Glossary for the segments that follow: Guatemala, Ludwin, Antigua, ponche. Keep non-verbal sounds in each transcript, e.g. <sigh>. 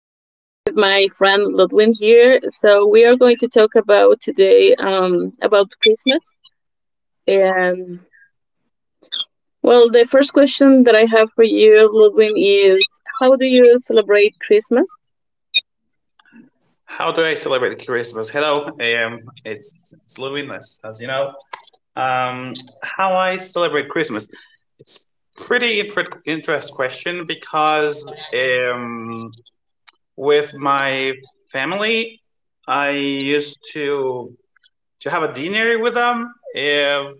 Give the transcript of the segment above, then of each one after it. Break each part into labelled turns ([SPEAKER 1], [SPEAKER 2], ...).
[SPEAKER 1] with my friend Ludwin here. So we are going to talk about today about Christmas. And well, the first question that I have for you, Ludwin, is how do you celebrate Christmas?
[SPEAKER 2] How do I celebrate Christmas? Hello, it's Luinas, as you know. How I celebrate Christmas? It's pretty interest question because with my family, I used to have a dinner with them. If,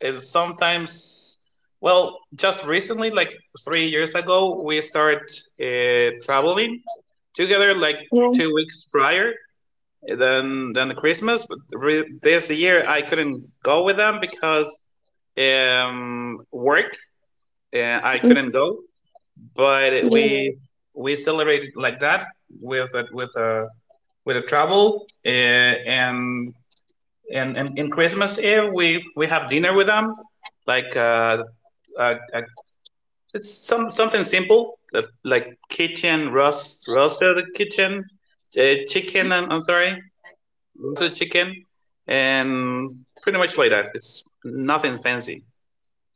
[SPEAKER 2] if sometimes, well, just recently, like 3 years ago, we started traveling together, like
[SPEAKER 1] Yeah.
[SPEAKER 2] 2 weeks prior than Christmas. But this year I couldn't go with them because work. I couldn't go, but
[SPEAKER 1] Mm.
[SPEAKER 2] we celebrated like that with a, with a with a travel, and in Christmas Eve we have dinner with them, like, uh, uh it's something simple, like kitchen roasted kitchen, chicken. I'm sorry, sausage chicken, and pretty much like that. It's nothing fancy.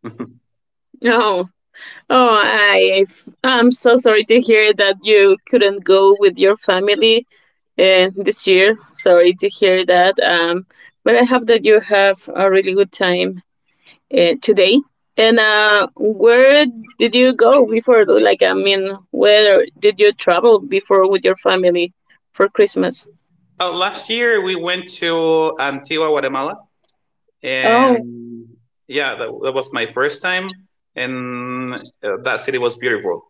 [SPEAKER 2] <laughs>
[SPEAKER 1] Oh, oh, I'm so sorry to hear that you couldn't go with your family this year. Sorry to hear that. But I hope that you have a really good time today. And where did you go before? Like, I mean, where did you travel before with your family for Christmas?
[SPEAKER 2] Oh, last year we went to Antigua, Guatemala,
[SPEAKER 1] Oh,
[SPEAKER 2] and yeah, that was my first time, and that city was beautiful.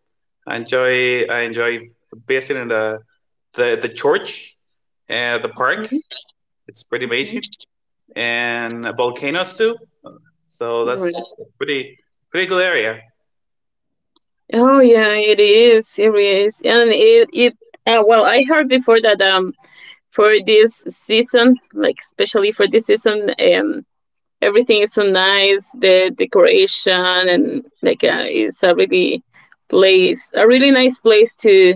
[SPEAKER 2] I enjoy visiting the church and the park.
[SPEAKER 1] mhm.
[SPEAKER 2] It's pretty amazing, and volcanoes too. So
[SPEAKER 1] Right.
[SPEAKER 2] that's a pretty good area.
[SPEAKER 1] Oh yeah, it is. It really is, and it. I heard before that for this season, like especially for this season, everything is so nice, the decoration, and like it's a really place a really nice place to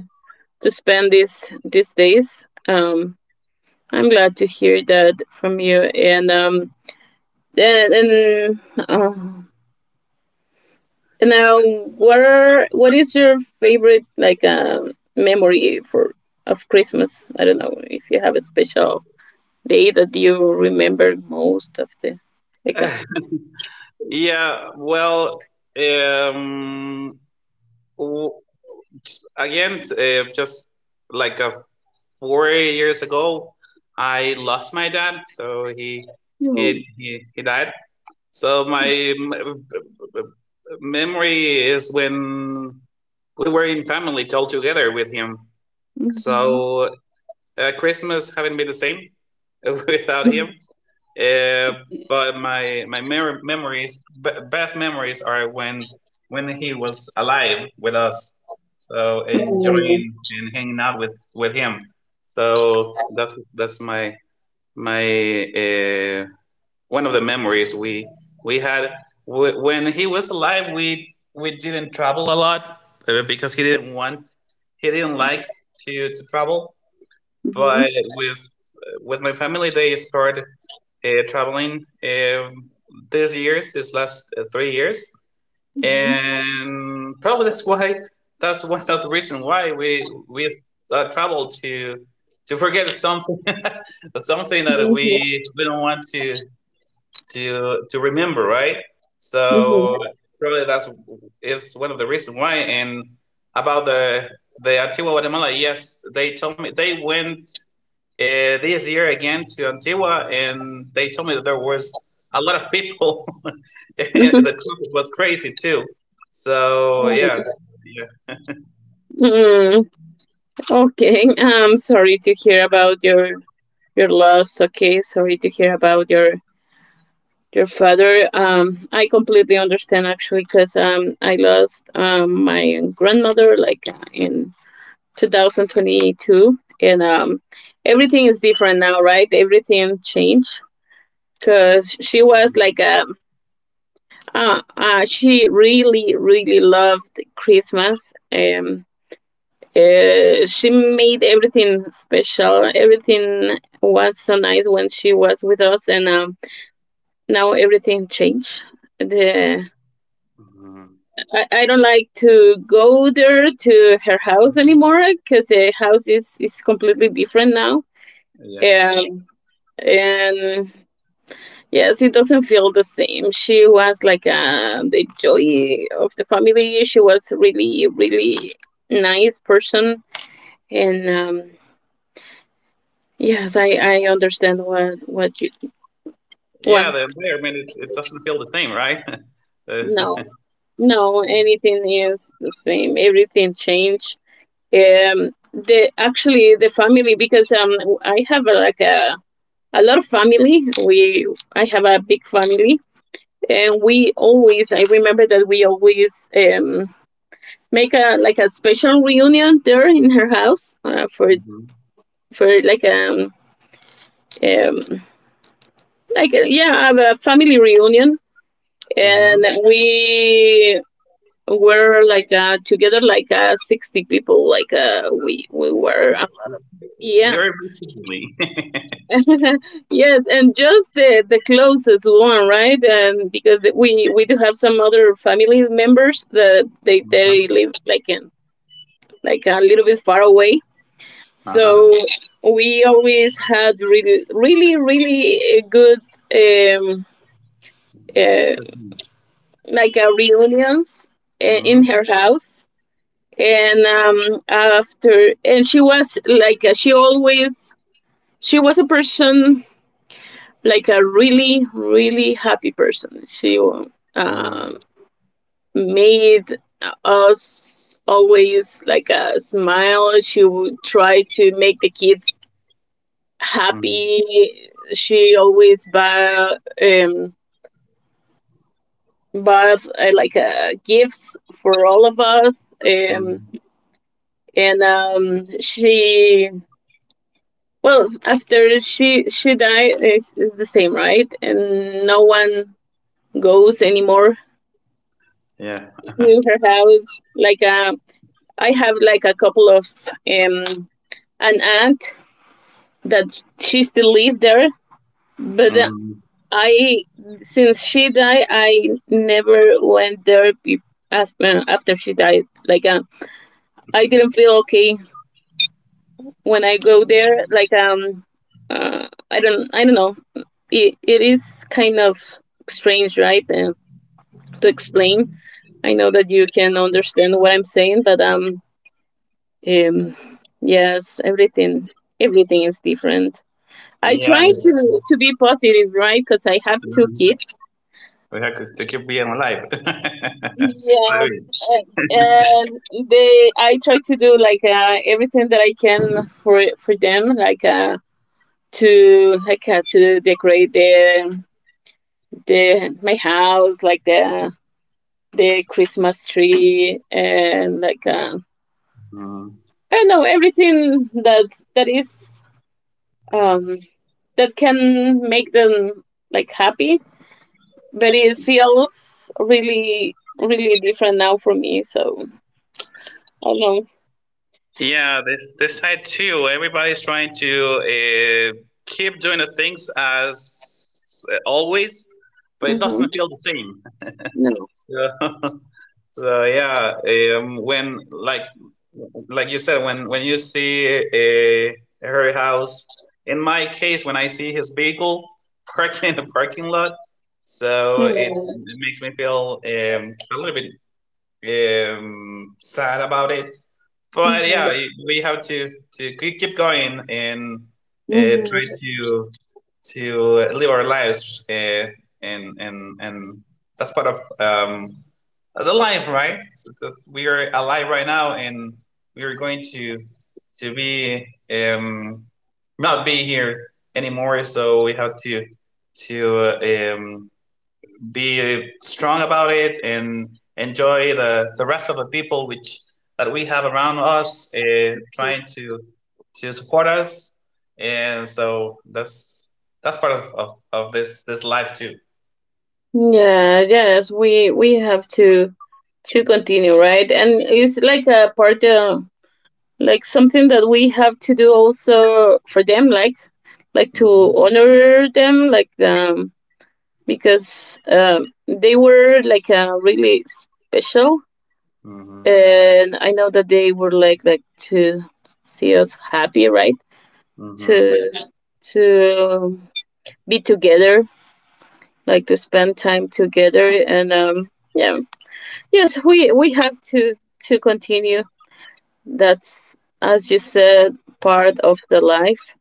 [SPEAKER 1] spend this these days. I'm glad to hear that from you. And and and, uh, and now what is your favorite like memory for of Christmas? I don't know if you have a special day that you remember most of the like uh,
[SPEAKER 2] <laughs> Yeah, well, um, w- again, just like a 4 years ago, I lost my dad, so he
[SPEAKER 1] you
[SPEAKER 2] he he, he died. So my m- memory is when we were in family all together with him.
[SPEAKER 1] mhm.
[SPEAKER 2] So Christmas haven't been the same <laughs> without him. Uh, but my best memories are when he was alive with us, so
[SPEAKER 1] Mm.
[SPEAKER 2] enjoying and hanging out with him. So that's my uh, one of the memories we had when he was alive. We didn't travel a lot, because he didn't like to travel. But
[SPEAKER 1] Mhm.
[SPEAKER 2] with my family, they started traveling, these years, this last, 3 years,
[SPEAKER 1] Mhm.
[SPEAKER 2] and probably that's why, that's one of the reason why we travel to forget something, <laughs> something that we
[SPEAKER 1] Mhm.
[SPEAKER 2] we don't want to remember, right?
[SPEAKER 1] Mhm.
[SPEAKER 2] So probably that's is one of the reasons why. And about the Antigua Guatemala, yes, they told me they went, this year again, to Antigua, and they told me that there was a lot of people. <laughs> And the traffic was crazy too. So yeah,
[SPEAKER 1] Mhm.
[SPEAKER 2] yeah.
[SPEAKER 1] Mm. Okay. I'm sorry to hear about your loss. Okay. Sorry to hear about your father. I completely understand, actually, cause I lost my grandmother like in 2022, and everything is different now, right? Everything changed. Cause she was
[SPEAKER 2] Mhm.
[SPEAKER 1] like a— she really, really loved Christmas. She made everything special. Everything was so nice when she was with us, and now everything changed. The I don't like to go there to her house
[SPEAKER 2] Mhm.
[SPEAKER 1] anymore because the house is completely different now.
[SPEAKER 2] Yes.
[SPEAKER 1] Um, and yes, it doesn't feel the same. She was like the joy of the family. She was really, really nice person, and yes, I understand what you—
[SPEAKER 2] Yeah,
[SPEAKER 1] well,
[SPEAKER 2] the environment, it doesn't feel the same, right? <laughs> Uh,
[SPEAKER 1] no, no, anything is the same. Everything changed. The Actually, the family, because I have like a lot of family. We I have a big family, and we always— I remember that we always make a— like a special reunion there in her house for for like a um, like a, yeah, a family reunion,
[SPEAKER 2] Mhm.
[SPEAKER 1] and we were like together like 60 people, like we were
[SPEAKER 2] Mhm.
[SPEAKER 1] yeah
[SPEAKER 2] You're everything to me.
[SPEAKER 1] <laughs> yes, and just the closest one, right? And because we do have some other family members that they
[SPEAKER 2] <laughs>
[SPEAKER 1] live like in— like a little bit far away.
[SPEAKER 2] Uh-huh. Uh-huh.
[SPEAKER 1] So we always had really, really, really good, um, uh,
[SPEAKER 2] Good.
[SPEAKER 1] like reunions
[SPEAKER 2] Mm,
[SPEAKER 1] in her house. And after, and she was like, she always— she was a person, like a really, really happy person. She
[SPEAKER 2] mm,
[SPEAKER 1] uh, made us always like a smile. She would try to make the kids
[SPEAKER 2] mm,
[SPEAKER 1] happy. She always buy um bought like gifts for all of us,
[SPEAKER 2] mm.
[SPEAKER 1] and she well, after she— died, is the same, right? And no one goes anymore
[SPEAKER 2] Yeah.
[SPEAKER 1] to her house. Like I have like a couple of um an aunt that she still live there, but the
[SPEAKER 2] Mm.
[SPEAKER 1] I since she died, I never went there after she died. Like I didn't feel okay when I go there. Like I don't— I don't know. It is kind of strange, right? And to explain, I know that you can understand what I'm saying, but um, yes, everything— everything is different. I
[SPEAKER 2] Yeah.
[SPEAKER 1] try to be positive, right? Because I have two
[SPEAKER 2] Mhm.
[SPEAKER 1] kids.
[SPEAKER 2] We have to keep being alive. <laughs>
[SPEAKER 1] Yeah,
[SPEAKER 2] Spirit.
[SPEAKER 1] and they— I try to do like everything that I can for them, like to like to decorate the— my house, like the— Christmas tree, and like
[SPEAKER 2] Mm.
[SPEAKER 1] I don't know, everything that is um that can make them like happy. But it feels really, really different now for me, so I don't know.
[SPEAKER 2] Yeah, this side too. Everybody's trying to, uh, keep doing the things as, always, but it
[SPEAKER 1] Mm-hmm.
[SPEAKER 2] doesn't feel the same. So, <laughs> so yeah, when, like you said, when you see a her house, in my case, when I see his vehicle <laughs> parked in the parking lot, so it,
[SPEAKER 1] Mhm,
[SPEAKER 2] it makes me feel, a little bit, sad about it, but
[SPEAKER 1] mhm,
[SPEAKER 2] yeah, we have to keep going, and try
[SPEAKER 1] mhm.
[SPEAKER 2] to live our lives, and that's part of, the life, right? So that we are alive right now, and we are going to be, um, not be here anymore. So we have to uh, um, be strong about it and enjoy the rest of the people which that we have around us, trying to support us, and so that's part of this life too.
[SPEAKER 1] Yeah, yes, we have to continue, right? And it's like a part of like something that we have to do also for them, like— like to
[SPEAKER 2] Mm-hmm.
[SPEAKER 1] honor them, like because they were like really special, and I know that they were like— like to see us happy, right? To
[SPEAKER 2] Mm-hmm.
[SPEAKER 1] to be together, like to spend time together. And yeah, yes, we have to continue. That's, as you said, part of the life.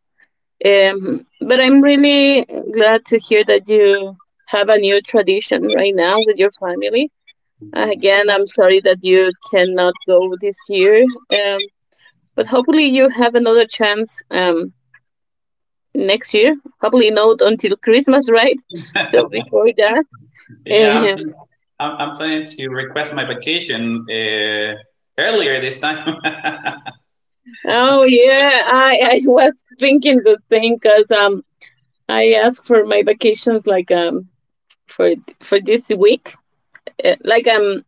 [SPEAKER 1] But I'm really glad to hear that you have a new tradition right now with your family
[SPEAKER 2] Hmm,
[SPEAKER 1] again. I'm sorry that you cannot go this year, um but hopefully you have another chance next year. Hopefully not until Christmas <laughs> right? So before that,
[SPEAKER 2] yeah, I'm,
[SPEAKER 1] um,
[SPEAKER 2] I'm, I'm planning to request my vacation, earlier this time. <laughs>
[SPEAKER 1] oh yeah, I was thinking the same because I asked for my vacations like for this week. Like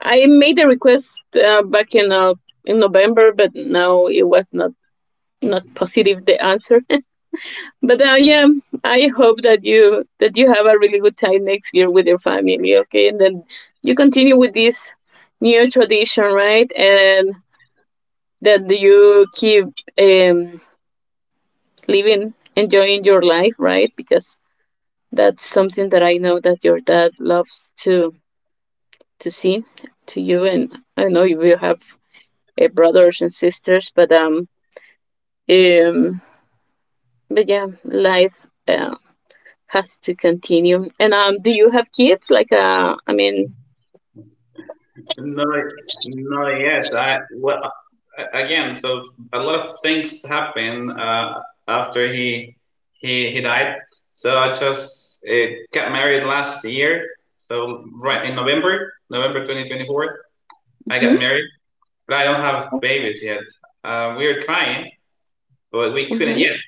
[SPEAKER 1] I made a request back in November, but now it was not positive, the answer <laughs> but yeah, I hope that you have a really good time next year with your family. Okay, and then you continue with this new tradition, right? And that you keep um living, enjoying your life, right? Because that's something that I know that your dad loves to see to you, and I know you have brothers and sisters, um, but yeah, life has to continue. And do you have kids? Like I mean,
[SPEAKER 2] No, not yet. I well, again, so a lot of things happen, after he died. So I just, got married last year. So right in November 2024, I got
[SPEAKER 1] mhm,
[SPEAKER 2] married, but I don't have babies yet. We are trying, but we
[SPEAKER 1] mhm.
[SPEAKER 2] couldn't yet.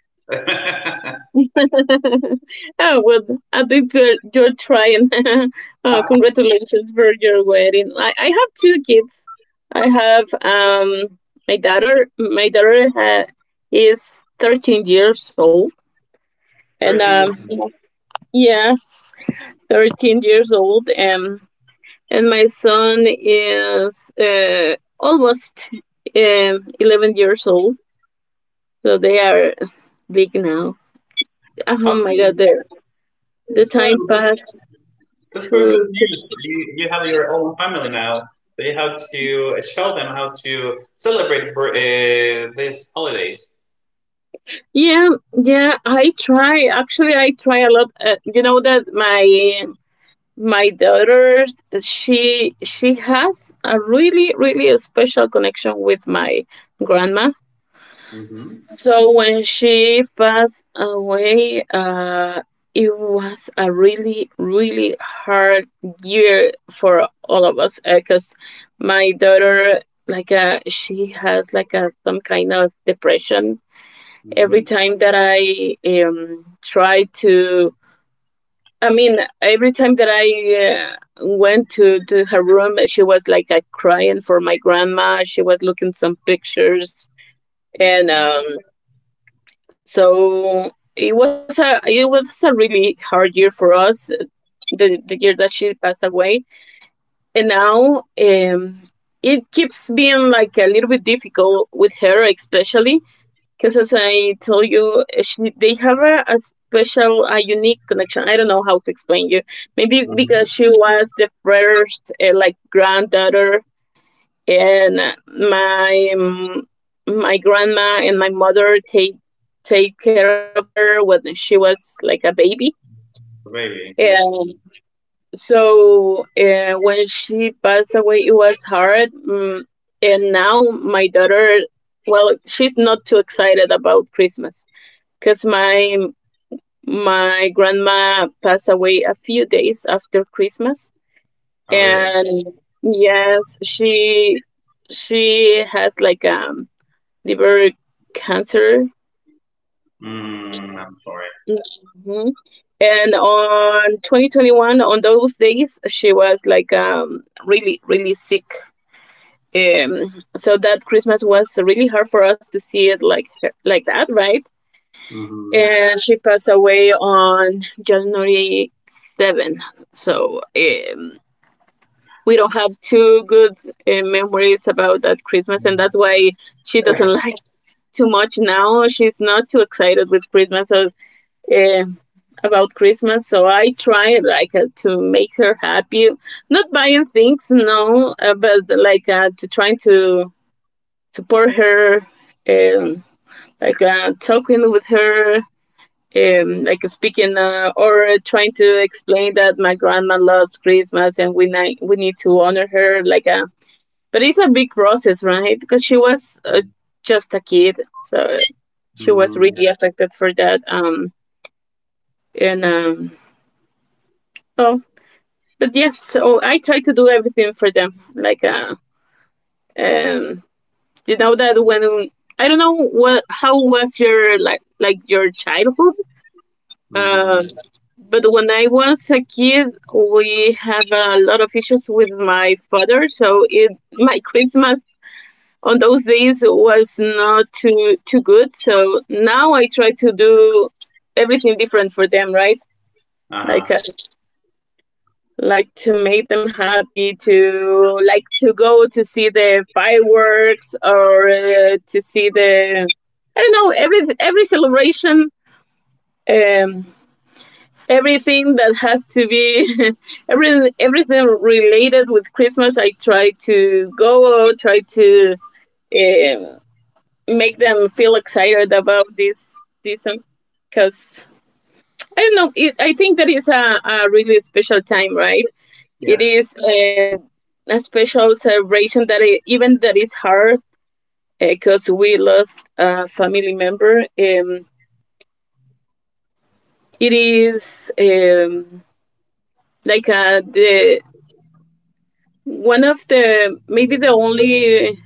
[SPEAKER 1] <laughs> Oh, well, I think you're trying. <laughs> Oh, congratulations for your wedding. I have two kids. I have my daughter. My daughter is 13 years old,
[SPEAKER 2] <laughs>
[SPEAKER 1] and
[SPEAKER 2] Thirteen years.
[SPEAKER 1] yes, 13 years old, and my son is almost 11 years old. So they are big now. Oh my god,
[SPEAKER 2] Okay,
[SPEAKER 1] the
[SPEAKER 2] so
[SPEAKER 1] time passed,
[SPEAKER 2] that's very
[SPEAKER 1] to
[SPEAKER 2] good news. You have your own family now. So you have to, show them how to celebrate for, these holidays.
[SPEAKER 1] Yeah, yeah, I try. Actually, I try a lot. You know that my daughter, she has a really, really special connection with my grandma.
[SPEAKER 2] Mm-hmm.
[SPEAKER 1] So when she passed away, it was a really, really hard year for all of us because my daughter, like, she has like a some kind of depression. Every
[SPEAKER 2] Mm-hmm.
[SPEAKER 1] time that I try to— I mean, every time that I uh, went to her room, she was like crying for my grandma. She was looking some pictures, and
[SPEAKER 2] Mm-hmm.
[SPEAKER 1] so it was a— it was a really hard year for us. The year that she passed away, and now it keeps being like a little bit difficult with her, especially because, as I told you, they have a special, a unique connection. I don't know how to explain you. Maybe
[SPEAKER 2] Mm-hmm.
[SPEAKER 1] because she was the first like granddaughter, and my my grandma and my mother take care of her when she was like a baby.
[SPEAKER 2] Really, I
[SPEAKER 1] And
[SPEAKER 2] see.
[SPEAKER 1] so when she passed away, it was hard. Mm. And now my daughter, well, she's not too excited about Christmas because my grandma passed away a few days after Christmas.
[SPEAKER 2] Oh, really?
[SPEAKER 1] And yes, she has like liver cancer.
[SPEAKER 2] Mm, I'm sorry.
[SPEAKER 1] Mhm. And on 2021, on those days, she was like really, really sick. So that Christmas was really hard for us to see it like— like that, right?
[SPEAKER 2] Mm-hmm.
[SPEAKER 1] And she passed away on January 7. So we don't have too good memories about that Christmas, and that's why she doesn't <laughs> like too much now. She's not too excited with Christmas, so uh, about Christmas. So I try like to make her happy, not buying things, no, but like to try to support her, um, like talking with her, like speaking or trying to explain that my grandma loves Christmas and we we need to honor her. Like but it's a big process, right? Because she was
[SPEAKER 2] Mm-hmm.
[SPEAKER 1] just a kid, so she was really affected for that. And oh, but yes, so I try to do everything for them. Like, um, you know that when I— don't know what how was your like— like your childhood,
[SPEAKER 2] Mm-hmm.
[SPEAKER 1] uh, but when I was a kid, we have a lot of issues with my father. So it— my Christmas on those days was not too good. So now I try to do everything different for them, right? Like
[SPEAKER 2] Uh-huh.
[SPEAKER 1] uh, like to make them happy, to like to go to see the fireworks or to see the, I don't know, every celebration, um everything that has to be <laughs> everything related with Christmas. I try to go, try to um, make them feel excited about this season, because I don't know I think that is a really special time, right?
[SPEAKER 2] Yeah.
[SPEAKER 1] It is a special celebration, that I, even that is hard, because we lost a family member. It is like the one of the maybe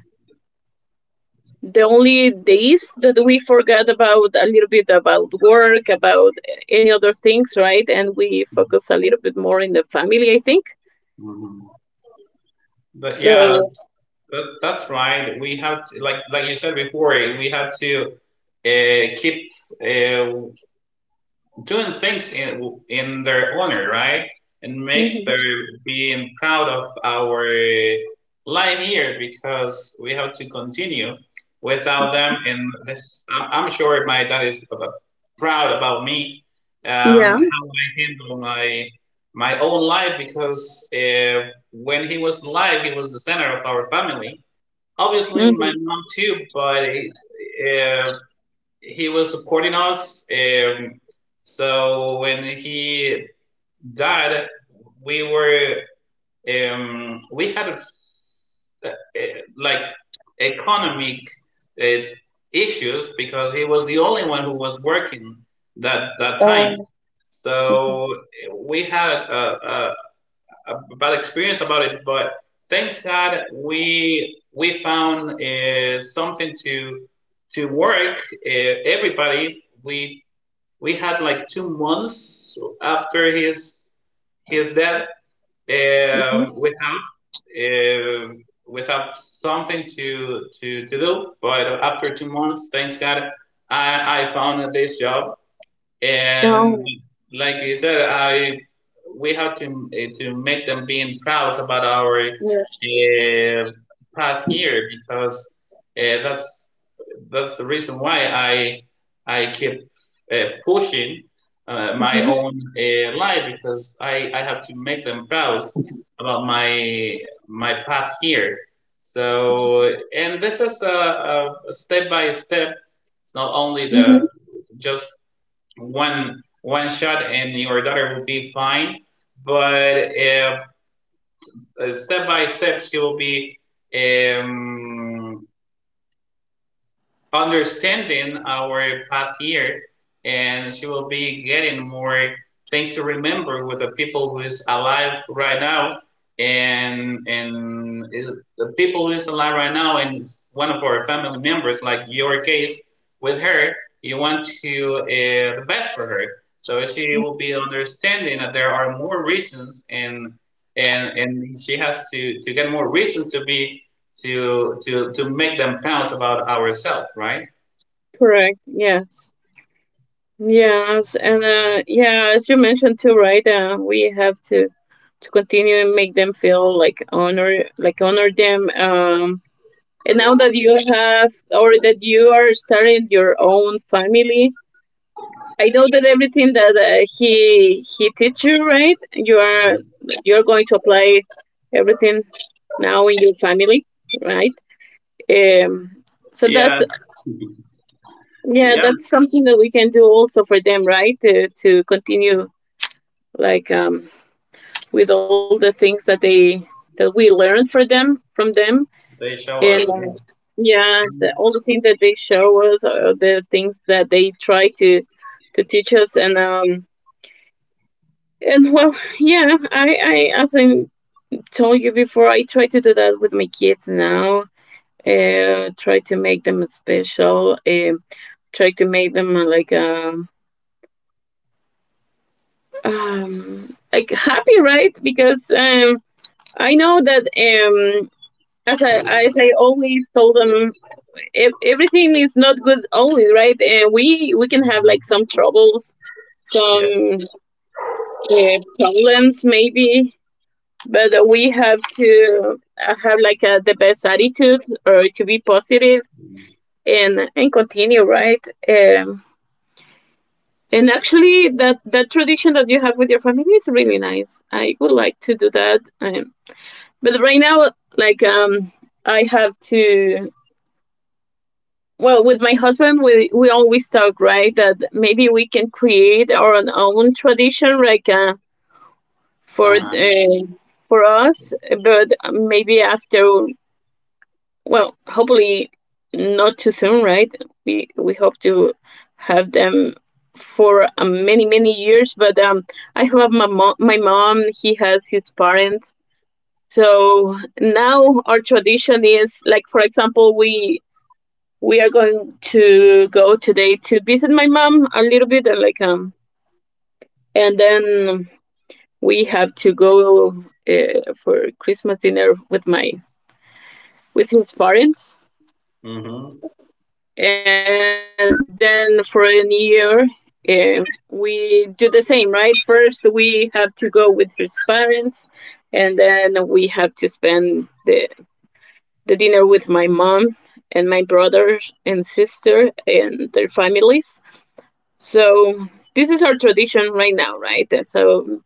[SPEAKER 1] the only days that we forgot about a little bit, about work, about any other things, right? And we focus a little bit more in the family, I think
[SPEAKER 2] Mm-hmm. But yeah,
[SPEAKER 1] so.
[SPEAKER 2] that's right. We have to, like you said before, we have to, keep, uh, doing things in their honor, right? And make
[SPEAKER 1] Mhm.
[SPEAKER 2] their being proud of our line here because we have to continue without them. And this, I'm sure my dad is proud about me,
[SPEAKER 1] Yeah.
[SPEAKER 2] how I handle my own life, because, when he was alive, he was the center of our family. Obviously, my mom too, but. Uh, he was supporting us. So when he died, we were we had like economic, uh, issues, because he was the only one who was working that time.
[SPEAKER 1] Oh. Hmm,
[SPEAKER 2] So we had a bad experience about it, but thanks God, we found, something to work. Everybody, we had like 2 months after his death, um,
[SPEAKER 1] hmm.
[SPEAKER 2] without without something to do. But after 2 months, thanks God, I found this job, and
[SPEAKER 1] Oh,
[SPEAKER 2] like you said, I we have to make them being proud about our,
[SPEAKER 1] yes.
[SPEAKER 2] past year, because, uh, that's that's the reason why I keep, uh, pushing, my
[SPEAKER 1] Hmm,
[SPEAKER 2] own, life, because I have to make them proud about my path here. So, and this is a step by step. It's not only
[SPEAKER 1] hmm.
[SPEAKER 2] the just one shot, and your daughter will be fine, but, step by step, she will be, um, understanding our path here, and she will be getting more things to remember with the people who is alive right now, and is, the people who is alive right now, and one of our family members, like your case with her, you want to, the best for her. So she will be understanding that there are more reasons, and she has to get more reasons to be to make them pounce about ourselves, right?
[SPEAKER 1] Correct. Yes. Yes. And yeah, as you mentioned too, right? We have to continue and make them feel like honor them. And now that you have, or that you are starting your own family, I know that everything that he teach you, right? You're going to apply everything now in your family, right? Um, so
[SPEAKER 2] Yeah,
[SPEAKER 1] that's, yeah,
[SPEAKER 2] yeah,
[SPEAKER 1] that's something that we can do also for them, right? To continue, like with all the things that they that we learn for them, from them,
[SPEAKER 2] they show
[SPEAKER 1] and
[SPEAKER 2] us. Yeah.
[SPEAKER 1] yeah, all the things that they show us, or the things that they try to teach us, and well, <laughs> yeah, I as I told you before, I try to do that with my kids now. Try to make them special. Try to make them like happy, right? Because I know that as I always told them, if everything is not good always, right? And we can have
[SPEAKER 2] Mhm.
[SPEAKER 1] like some troubles,
[SPEAKER 2] Yeah.
[SPEAKER 1] some problems maybe, but we have to have like the best attitude, or to be positive and continue, right? And actually that tradition that you have with your family is really nice. I would like to do that. But right now, like I have to. Well, with my husband, we always talk, right, that maybe we can create our own tradition, like for
[SPEAKER 2] Uh-huh.
[SPEAKER 1] uh, for us. But maybe after, well, hopefully not too soon, right? We hope to have them for many many years. But I have my mom. My mom. He has his parents. So now our tradition is like, for example, we are going to go today to visit my mom a little bit, and like and then we have to go for Christmas dinner with my with his parents,
[SPEAKER 2] Hmm.
[SPEAKER 1] and then for a new year. Um, we do the same, right? First, we have to go with his parents, and then we have to spend the dinner with my mom and my brothers and sister and their families. So this is our tradition right now, right? So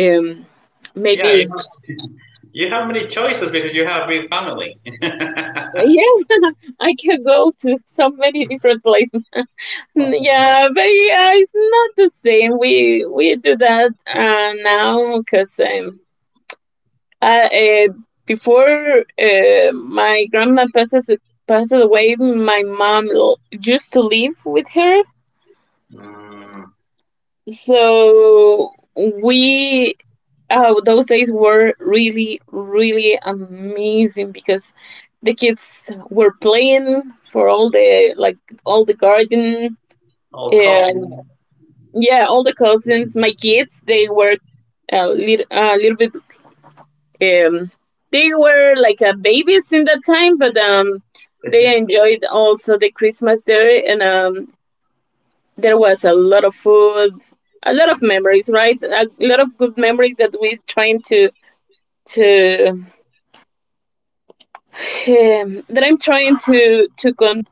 [SPEAKER 1] um,
[SPEAKER 2] Yeah. You
[SPEAKER 1] maybe
[SPEAKER 2] have, <laughs> you have many choices because you have a big family. <laughs>
[SPEAKER 1] yeah, <laughs> I can go to so many different places. <laughs> yeah, but yeah, it's not the same. We do that now, because I, uh, before my grandma passes away, my mom used to live with her.
[SPEAKER 2] Mm,
[SPEAKER 1] So we those days were really really amazing, because the kids were playing for all the garden,
[SPEAKER 2] all
[SPEAKER 1] and
[SPEAKER 2] cousin.
[SPEAKER 1] yeah, all the cousins, my kids, they were a little bit, they were like babies in that time, but they enjoyed also the Christmas there, and there was a lot of food, a lot of memories, right? A lot of good memories that we're trying to that I'm trying to con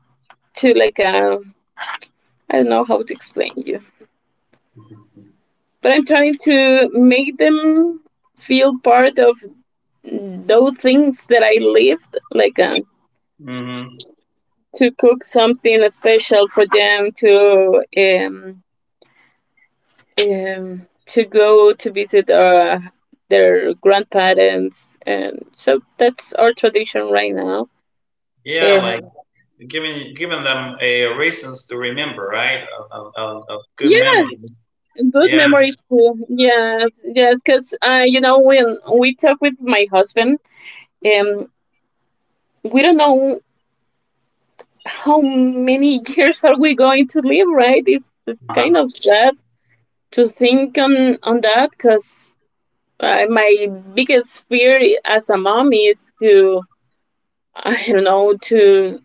[SPEAKER 1] to like, a I don't know how to explain you, but I'm trying to make them feel part of those things that I lived, like
[SPEAKER 2] Hmm.
[SPEAKER 1] to cook something special for them, to um, to go to visit their grandparents, and so that's our tradition right now.
[SPEAKER 2] Yeah, like
[SPEAKER 1] And
[SPEAKER 2] giving them a reasons to remember, right? Of good
[SPEAKER 1] yeah,
[SPEAKER 2] memory.
[SPEAKER 1] good
[SPEAKER 2] Yeah.
[SPEAKER 1] memory too. Yes, yes, because you know, when we talk with my husband, um, we don't know how many <laughs> years are we going to live, right? It's kind of sad to think on that, because my biggest fear as a mom is to <laughs> I don't know,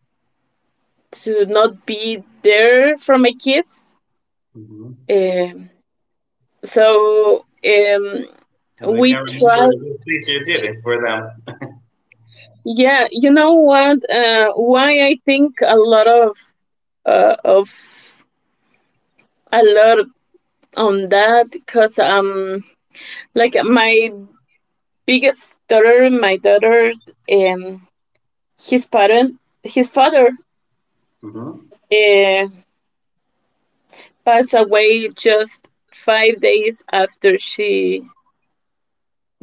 [SPEAKER 1] to not be there for my kids.
[SPEAKER 2] Hmm.
[SPEAKER 1] Um, so
[SPEAKER 2] I think I
[SPEAKER 1] we
[SPEAKER 2] remember
[SPEAKER 1] try.
[SPEAKER 2] the little things you did for them.
[SPEAKER 1] Yeah, you know what? Why I think a lot uh, of a lot on that, because like my biggest daughter, my daughter, um, his parent, his father,
[SPEAKER 2] Hmm.
[SPEAKER 1] uh, passed away just 5 days after she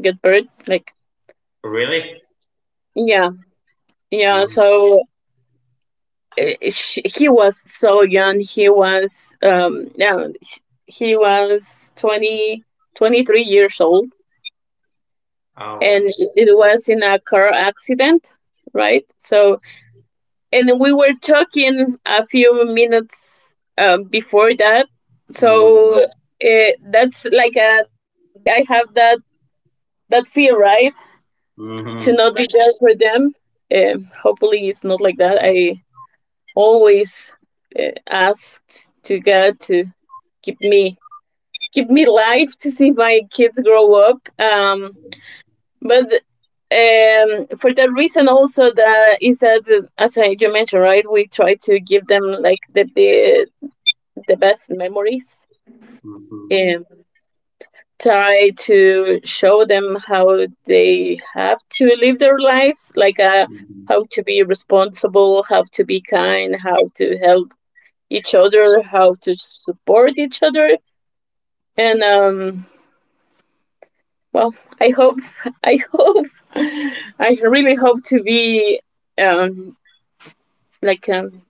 [SPEAKER 1] got birth. Like,
[SPEAKER 2] Really?
[SPEAKER 1] yeah, yeah.
[SPEAKER 2] Um,
[SPEAKER 1] So uh, sh he was so young. He was no, he was 20 23 years old, and
[SPEAKER 2] oh.
[SPEAKER 1] it was in a car accident, right? So, and we were talking a few minutes before that.
[SPEAKER 2] Mm-hmm.
[SPEAKER 1] So that's like a that's why I have that fear, right? To
[SPEAKER 2] Mm-hmm.
[SPEAKER 1] not be there for them. Hopefully, it's not like that. I always asked to God to keep me keep me alive to see my kids grow up. But for that reason also, that is that as you mentioned, right, we try to give them like the best memories,
[SPEAKER 2] Mm-hmm.
[SPEAKER 1] and try to show them how they have to live their lives, like
[SPEAKER 2] Mm-hmm.
[SPEAKER 1] how to be responsible, how to be kind, how to help each other, how to support each other, and well, I hope, <laughs> I hope, I really hope to be um, like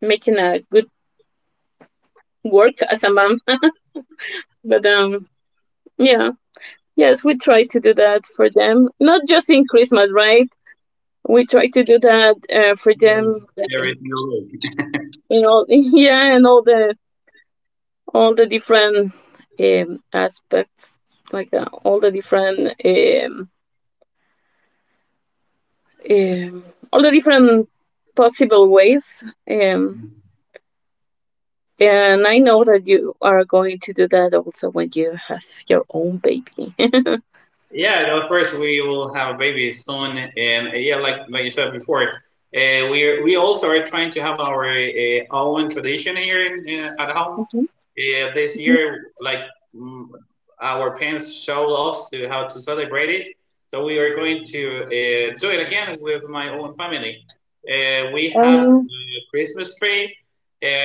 [SPEAKER 1] making a good work as a mom. <laughs> but yeah, yes, we try to do that for them, not just in Christmas, right? We try to do that for them, like,
[SPEAKER 2] Very, very.
[SPEAKER 1] in all, <laughs> yeah, and all the different aspects, like um, all the different possible ways. Um, And I know that you are going to do that also when you have your own baby. <laughs>
[SPEAKER 2] Yeah, no, first we will have a baby soon, and, yeah, like you said before, we also are trying to have our, own tradition here at home.
[SPEAKER 1] Mhm,
[SPEAKER 2] This
[SPEAKER 1] mhm.
[SPEAKER 2] year, like, mm, our parents showed us to how to celebrate it, so we are going to, do it again with my own family. We have
[SPEAKER 1] Um,
[SPEAKER 2] a Christmas tree,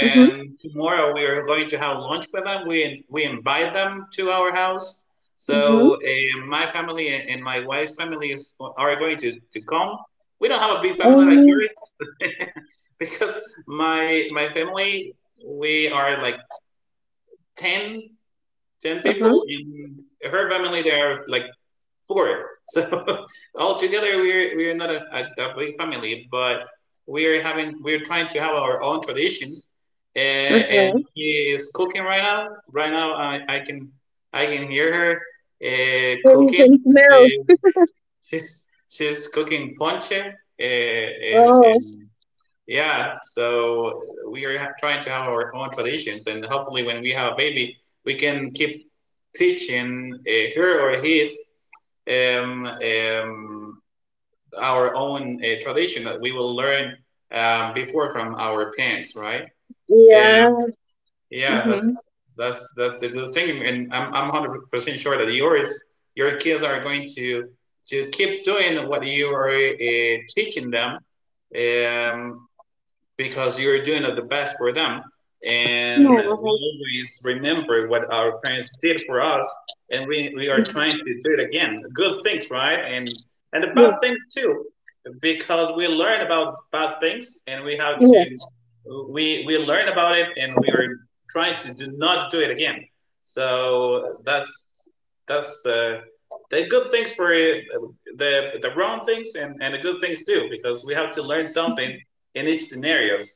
[SPEAKER 1] hmm,
[SPEAKER 2] tomorrow we are going to have lunch with them. We invite them to our house,
[SPEAKER 1] hmm,
[SPEAKER 2] so, my family and my wife's family is are going to come. We don't have a big family like
[SPEAKER 1] um,
[SPEAKER 2] yours, <laughs> because my family, we are like 10 10 people,
[SPEAKER 1] uh-huh.
[SPEAKER 2] and her family, they are like four. So, <laughs> altogether, we're not a big family, but we're trying to have our own traditions. And
[SPEAKER 1] Uh-huh.
[SPEAKER 2] he is cooking right now. Right now, I can hear her,
[SPEAKER 1] There is a
[SPEAKER 2] cooking.
[SPEAKER 1] smell.
[SPEAKER 2] She, she's cooking ponche. Uh, and,
[SPEAKER 1] Oh,
[SPEAKER 2] and yeah, so we are trying to have our own traditions, and hopefully, when we have a baby, we can keep teaching her or his, um, um, our own, tradition that we will learn, before, from our parents, right?
[SPEAKER 1] yeah.
[SPEAKER 2] Um, yeah,
[SPEAKER 1] Hmm.
[SPEAKER 2] that's the good thing, and I'm 100% sure that your kids are going to keep doing what you are, teaching them, um, because you're doing the best for them. And we
[SPEAKER 1] Yeah.
[SPEAKER 2] always remember what our parents did for us, and we are trying to do it again. Good things, right? And the
[SPEAKER 1] Yeah.
[SPEAKER 2] bad things too, because we learn about bad things, and we have
[SPEAKER 1] Yeah.
[SPEAKER 2] to we we learn about it, and we are trying to do not do it again. So that's the good things for it, the wrong things, and the good things too, because we have to learn something in each scenarios.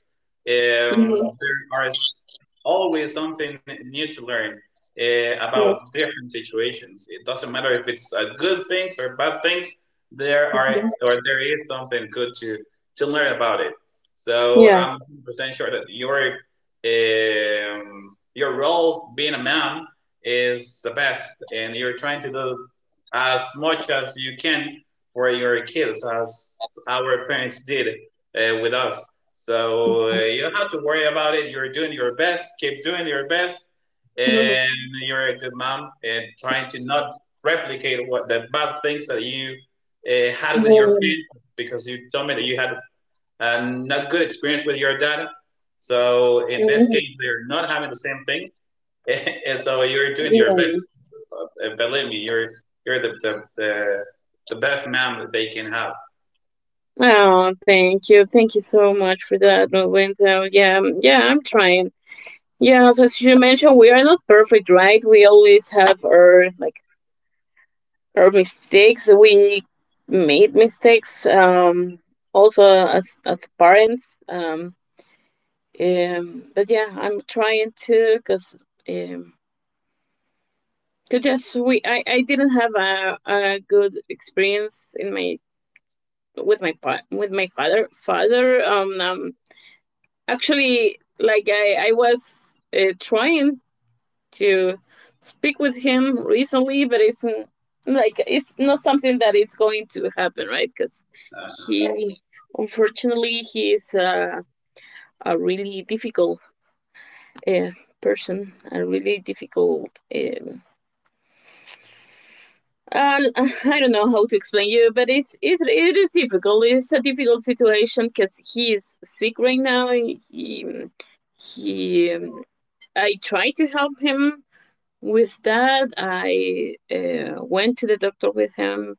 [SPEAKER 1] Mm-hmm.
[SPEAKER 2] There is always something new to learn,
[SPEAKER 1] Yeah,
[SPEAKER 2] about different situations. It doesn't matter if it's, good things or bad things. There are
[SPEAKER 1] yeah.
[SPEAKER 2] or there is something good to learn about it. So
[SPEAKER 1] Yeah.
[SPEAKER 2] I'm 100% sure that your role being a mom is the best, and you're trying to do as much as you can for your kids as our parents did, with us. You don't have to worry about it. You're doing your best. Keep doing your best,
[SPEAKER 1] Hmm.
[SPEAKER 2] and you're a good mom. And trying to not replicate what the bad things that you had with your
[SPEAKER 1] Um,
[SPEAKER 2] parents, because you told me that you had a not good experience with your dad. So in this
[SPEAKER 1] um,
[SPEAKER 2] case, they're not having the same thing, <laughs> and so you're doing your
[SPEAKER 1] yeah.
[SPEAKER 2] best. Believe me, you're the best mom that they can have.
[SPEAKER 1] Oh, thank you. Thank you so much for that, Window. Yeah, yeah, I'm trying. Yes, as you mentioned, we are not perfect, right? We always have our mistakes. We made mistakes. Also as parents. But yeah, I'm trying to, cause um, cause yes, we I didn't have a good experience in my with my with my father. Actually, like I was trying to speak with him recently, but it's like it's not something that is going to happen, right? Because he, unfortunately, he is a really difficult uh, person, a really difficult. And <laughs> I don't know how to explain you, but it is difficult. It's a difficult situation because he is sick right now. He, um, I try to help him. With that, I went to the doctor with him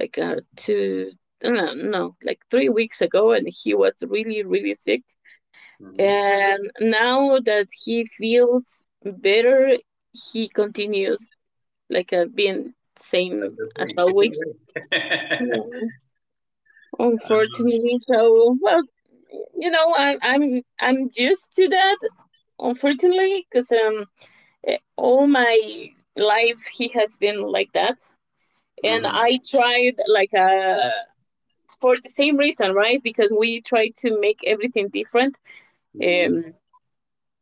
[SPEAKER 1] like two, no, no, no, like 3 weeks ago, and he was really, really sick.
[SPEAKER 2] Mhm.
[SPEAKER 1] And now that he feels better, he continues like being
[SPEAKER 2] Like
[SPEAKER 1] same
[SPEAKER 2] the
[SPEAKER 1] as
[SPEAKER 2] food, the food,
[SPEAKER 1] always. <laughs>
[SPEAKER 2] right?
[SPEAKER 1] Mm. Unfortunately. So well, you know, I'm used to that. Unfortunately, because all my life he has been like that.
[SPEAKER 2] Mhm,
[SPEAKER 1] And I
[SPEAKER 2] mhm,
[SPEAKER 1] tried, like for the same reason, right? Because we try to make everything different.
[SPEAKER 2] mhm,
[SPEAKER 1] Um,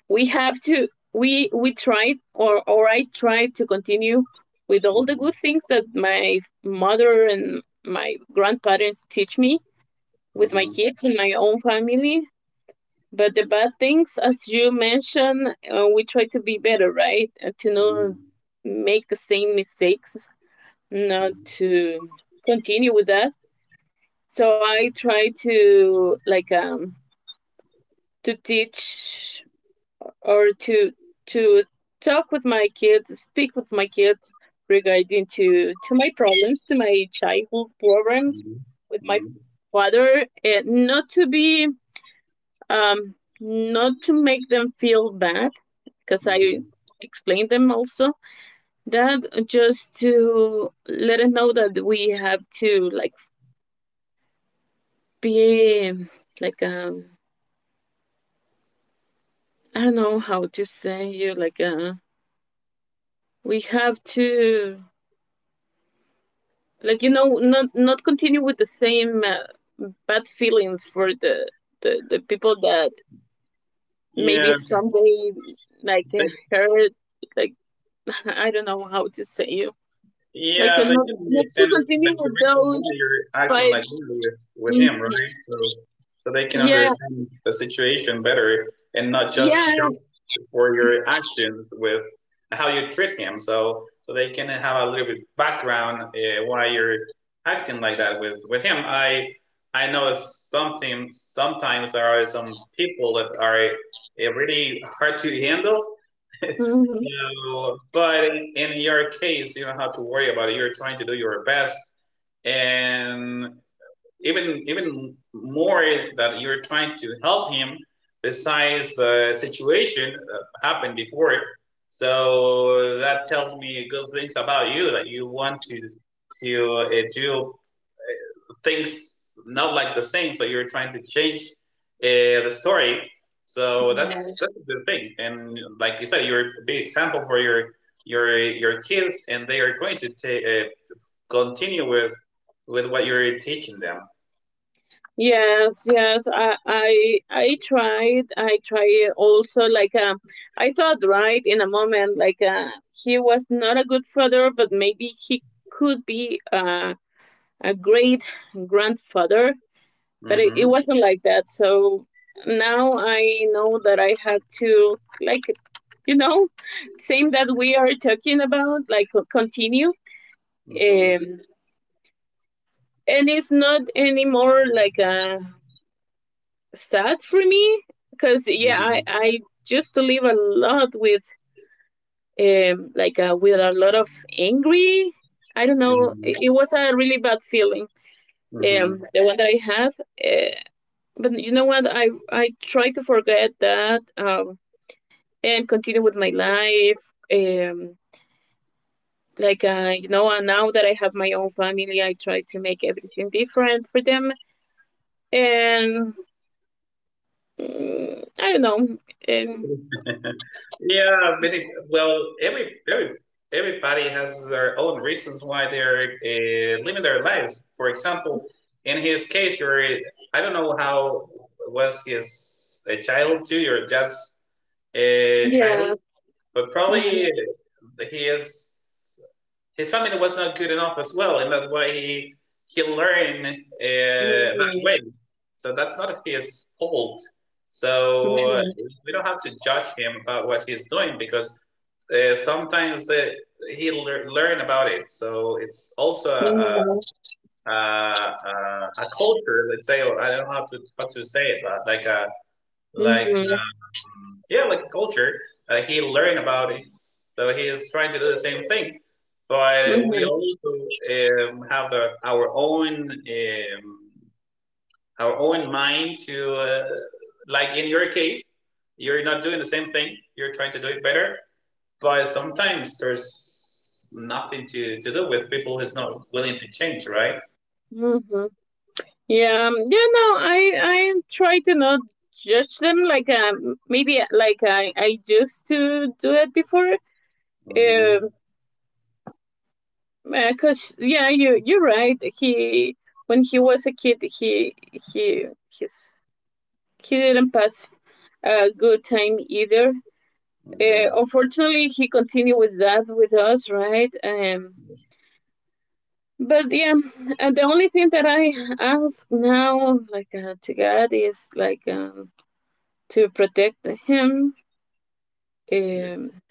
[SPEAKER 1] we have to we tried, or I tried to continue with all the
[SPEAKER 2] mhm,
[SPEAKER 1] good things that my mother and my grandparents teach me with my
[SPEAKER 2] mhm,
[SPEAKER 1] kids and my own family. But the bad things, as you mentioned, we try to be better, right? To not
[SPEAKER 2] mhm,
[SPEAKER 1] make the same mistakes, not to continue with that. So I try to like to teach, or to to talk with my kids, speak with my kids regarding to my problems, to my childhood problems
[SPEAKER 2] mhm,
[SPEAKER 1] with my father, and not to be um not to make them feel bad, because I
[SPEAKER 2] mhm. <laughs>
[SPEAKER 1] explained them also that just to let them know that we have to like be like I don't know how to say you, like we have to like, you know, not continue with the same bad feelings for the people that maybe
[SPEAKER 2] Yeah,
[SPEAKER 1] someday like
[SPEAKER 2] they
[SPEAKER 1] hurt, like <laughs> I don't know how to say you, like
[SPEAKER 2] Yeah, they didn't
[SPEAKER 1] not
[SPEAKER 2] make
[SPEAKER 1] to
[SPEAKER 2] sense.
[SPEAKER 1] continue
[SPEAKER 2] Like the
[SPEAKER 1] with
[SPEAKER 2] reason
[SPEAKER 1] those,
[SPEAKER 2] why you're acting
[SPEAKER 1] right?
[SPEAKER 2] like this with
[SPEAKER 1] Mhm.
[SPEAKER 2] him, right? So they can
[SPEAKER 1] Yeah,
[SPEAKER 2] understand the situation better and not just
[SPEAKER 1] yeah.
[SPEAKER 2] judge for your actions with how you treat him. So they can have a little bit background why you're acting like that with him. I know something. Sometimes there are some people that are really hard to handle, so, but in your case, you don't have to worry about it. You're trying to do your best, and even more that you're trying to help him. Besides the situation that happened before, so that tells me good things about you, that you want to do things not like the same. So you're trying to change uh, the story. So
[SPEAKER 1] Mhm.
[SPEAKER 2] that's a good thing. And like you said, you're a big example for your kids, and they are going to continue with what you're teaching them.
[SPEAKER 1] Yes, yes. I tried. I tried also like I thought, right, in a moment like he was not a good father, but maybe he could be a great grandfather. But it
[SPEAKER 2] hmm
[SPEAKER 1] wasn't like that. So now I know that I had to, like, you know, same that we are talking about, like continue,
[SPEAKER 2] hmm
[SPEAKER 1] um, and it's not anymore like a sad for me, because yeah,
[SPEAKER 2] hmm
[SPEAKER 1] I used to live a lot with like with a lot of angry. I don't know. It was a really bad feeling.
[SPEAKER 2] hmm
[SPEAKER 1] The one that I had. Uh, but you know what? I try to forget that, and continue with my life, you know. And now that I have my own family, I try to make everything different for them. And I don't know. Um,
[SPEAKER 2] Yeah, many, well, every everybody has their own reasons why they're living their lives. For example, in his case, where I don't know how was his a child too, or just a child,
[SPEAKER 1] yeah.
[SPEAKER 2] but probably
[SPEAKER 1] Mhm.
[SPEAKER 2] he is his stamina was not good enough as well, and that's why he learned that way.
[SPEAKER 1] Mhm.
[SPEAKER 2] So that's not his fault. So
[SPEAKER 1] Mhm.
[SPEAKER 2] we don't have to judge him about what he's doing, because sometimes he learn about it. So it's also
[SPEAKER 1] Mhm.
[SPEAKER 2] a, a, a culture, let's say. Or I don't know how to say it, but like a like yeah, like culture, he learned about it. So he is trying to do the same thing. But we
[SPEAKER 1] Mhm.
[SPEAKER 2] also have our own mind to like in your case, you're not doing the same thing. You're trying to do it better. But sometimes there's nothing to, to do with people who's not willing to change, right?
[SPEAKER 1] Mhm. Yeah, you know, I I try to not judge them like maybe like I used to do it before.
[SPEAKER 2] hmm
[SPEAKER 1] Um, cause yeah, you you're right. He when he was a kid, his he didn't pass a good time either. Unfortunately, he continued with that with us, right? But yeah, the only thing that I ask now, like to God, is like to protect him, um,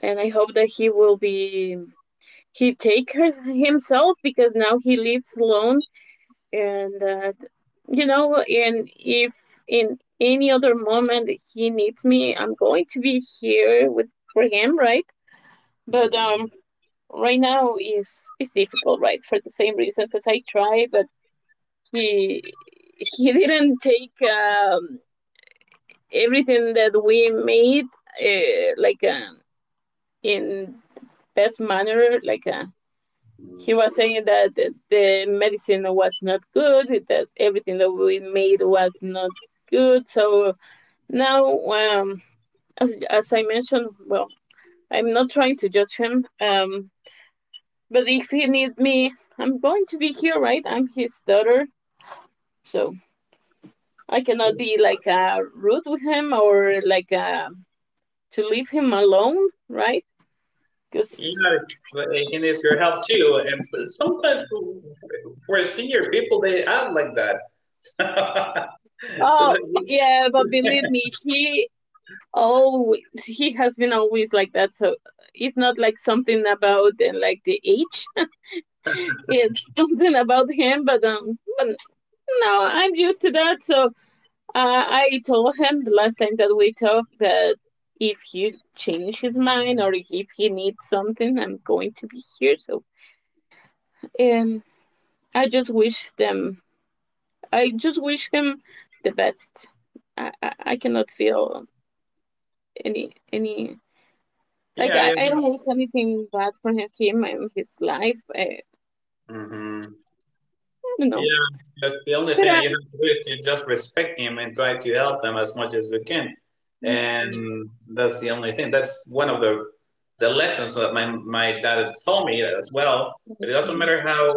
[SPEAKER 1] and I hope that he will be he take her himself, because now he lives alone. And if in any other moment he needs me, I'm going to be here with for him, right? But
[SPEAKER 2] hmm
[SPEAKER 1] right now is difficult, right? For the same reason, because I try, but he he didn't take everything that we made uh, like um, in best manner. Like he was saying that the medicine was not good, that everything that we made was not good. So now as I mentioned, well, I'm not trying to judge him, but if he needs me, I'm going to be here, right? I'm his daughter, so I cannot be like rude with him, or like to leave him alone, right? Because
[SPEAKER 2] Yeah, it's like- and it's your help too. And but sometimes for a senior people, they act like that. <laughs> So
[SPEAKER 1] oh
[SPEAKER 2] that
[SPEAKER 1] yeah, but believe me, he always he has been always like that. So it's not like something about like the age. <laughs> It's something about him. But no, I'm used to that. So I told him the last time that we talked, that if he change his mind or if he needs something, I'm going to be here. So um, I just wish him the best. I cannot feel any like
[SPEAKER 2] yeah,
[SPEAKER 1] I don't wish anything bad for him, him and his life. Eh, I,
[SPEAKER 2] hmm
[SPEAKER 1] you know.
[SPEAKER 2] yeah. That's the only
[SPEAKER 1] But
[SPEAKER 2] thing that
[SPEAKER 1] I,
[SPEAKER 2] you have to do is to just respect him and try to help them as much as you can.
[SPEAKER 1] Mhm.
[SPEAKER 2] And that's the only thing. That's one of the lessons that my dad told me as well. But it doesn't matter how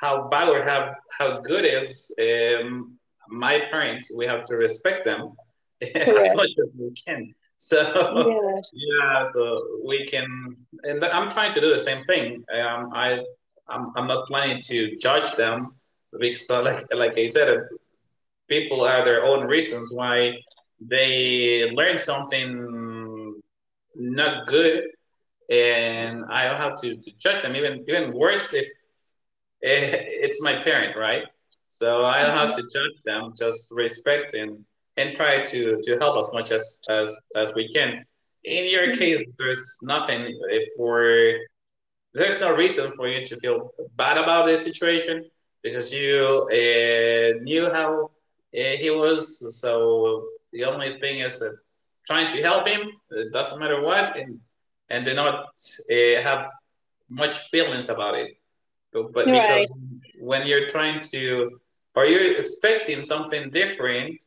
[SPEAKER 2] how bad or how good is my parents. We have to respect them <laughs> as
[SPEAKER 1] Correct.
[SPEAKER 2] much as we can. So <laughs>
[SPEAKER 1] Yes.
[SPEAKER 2] yeah, so we can. And I'm trying to do the same thing. I'm not planning to judge them because like I said, people have their own reasons why they learn something not good, and I don't have to judge them. Even worse if eh, it's my parent, right? So I don't have to judge them. Just respect and try to help as much as as we can. In your case,
[SPEAKER 1] Mhm.
[SPEAKER 2] there's nothing for there's no reason for you to feel bad about this situation, because you knew how he was. So the only thing is that trying to help him. It doesn't matter what, and do not have much feelings about it, but
[SPEAKER 1] You're
[SPEAKER 2] because
[SPEAKER 1] right.
[SPEAKER 2] when you're trying to or you're expecting something different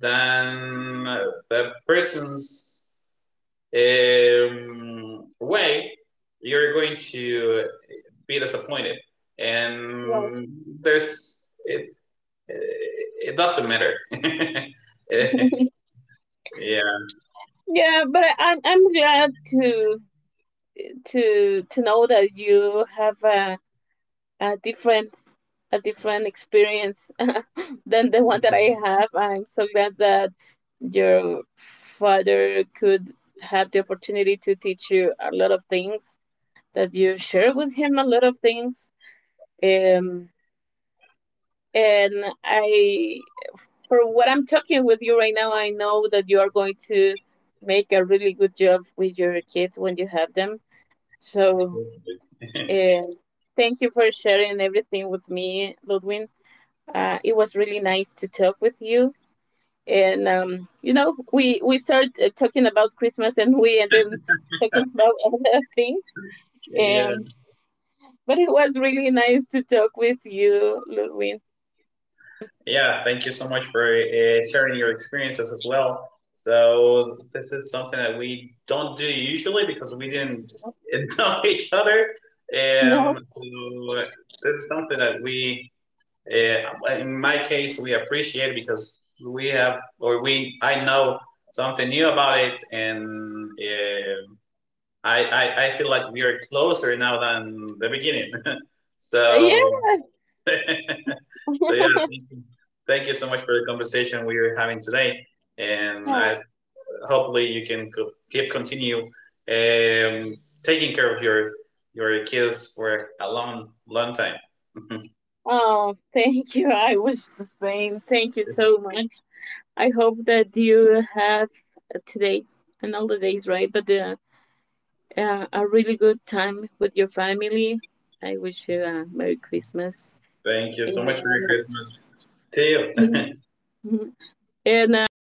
[SPEAKER 2] than the person's way, you're going to be disappointed,
[SPEAKER 1] Yes.
[SPEAKER 2] and there's it doesn't matter. <laughs> Yeah,
[SPEAKER 1] <laughs> Yeah, but I'm glad to know that you have a different experience <laughs> than the one that I have. I'm so glad that your father could have the opportunity to teach you a lot of things, that you share with him a lot of things. Um, and I, for what I'm talking with you right now, I know that you are going to make a really good job with your kids when you have them. So, um, thank you for sharing everything with me, Ludwin. It was really nice to talk with you. And you know, we started talking about Christmas and we ended talking about <laughs> other things.
[SPEAKER 2] yeah,
[SPEAKER 1] um, but it was really nice to talk with you, Ludwig.
[SPEAKER 2] yeah, thank you so much for sharing your experiences as well. So this is something that we don't do usually, because we didn't <laughs> know each other.
[SPEAKER 1] No.
[SPEAKER 2] So this is something that in my case, we appreciate, because we have or we I know something new about it, and I feel like we are closer now than the beginning. <laughs> So
[SPEAKER 1] Yeah.
[SPEAKER 2] <laughs> so yeah, thank you, thank you so much for the conversation we are having today, and I
[SPEAKER 1] <laughs>
[SPEAKER 2] hopefully you can keep continue taking care of your kids for a long, long time. <laughs>
[SPEAKER 1] Oh, thank you. I wish the same. Thank you so much. I hope that you have today and all the days, right? But a really good time with your family. I wish you a merry Christmas,
[SPEAKER 2] Thank you so much. For your
[SPEAKER 1] and,
[SPEAKER 2] Christmas. See you.
[SPEAKER 1] um, <laughs> and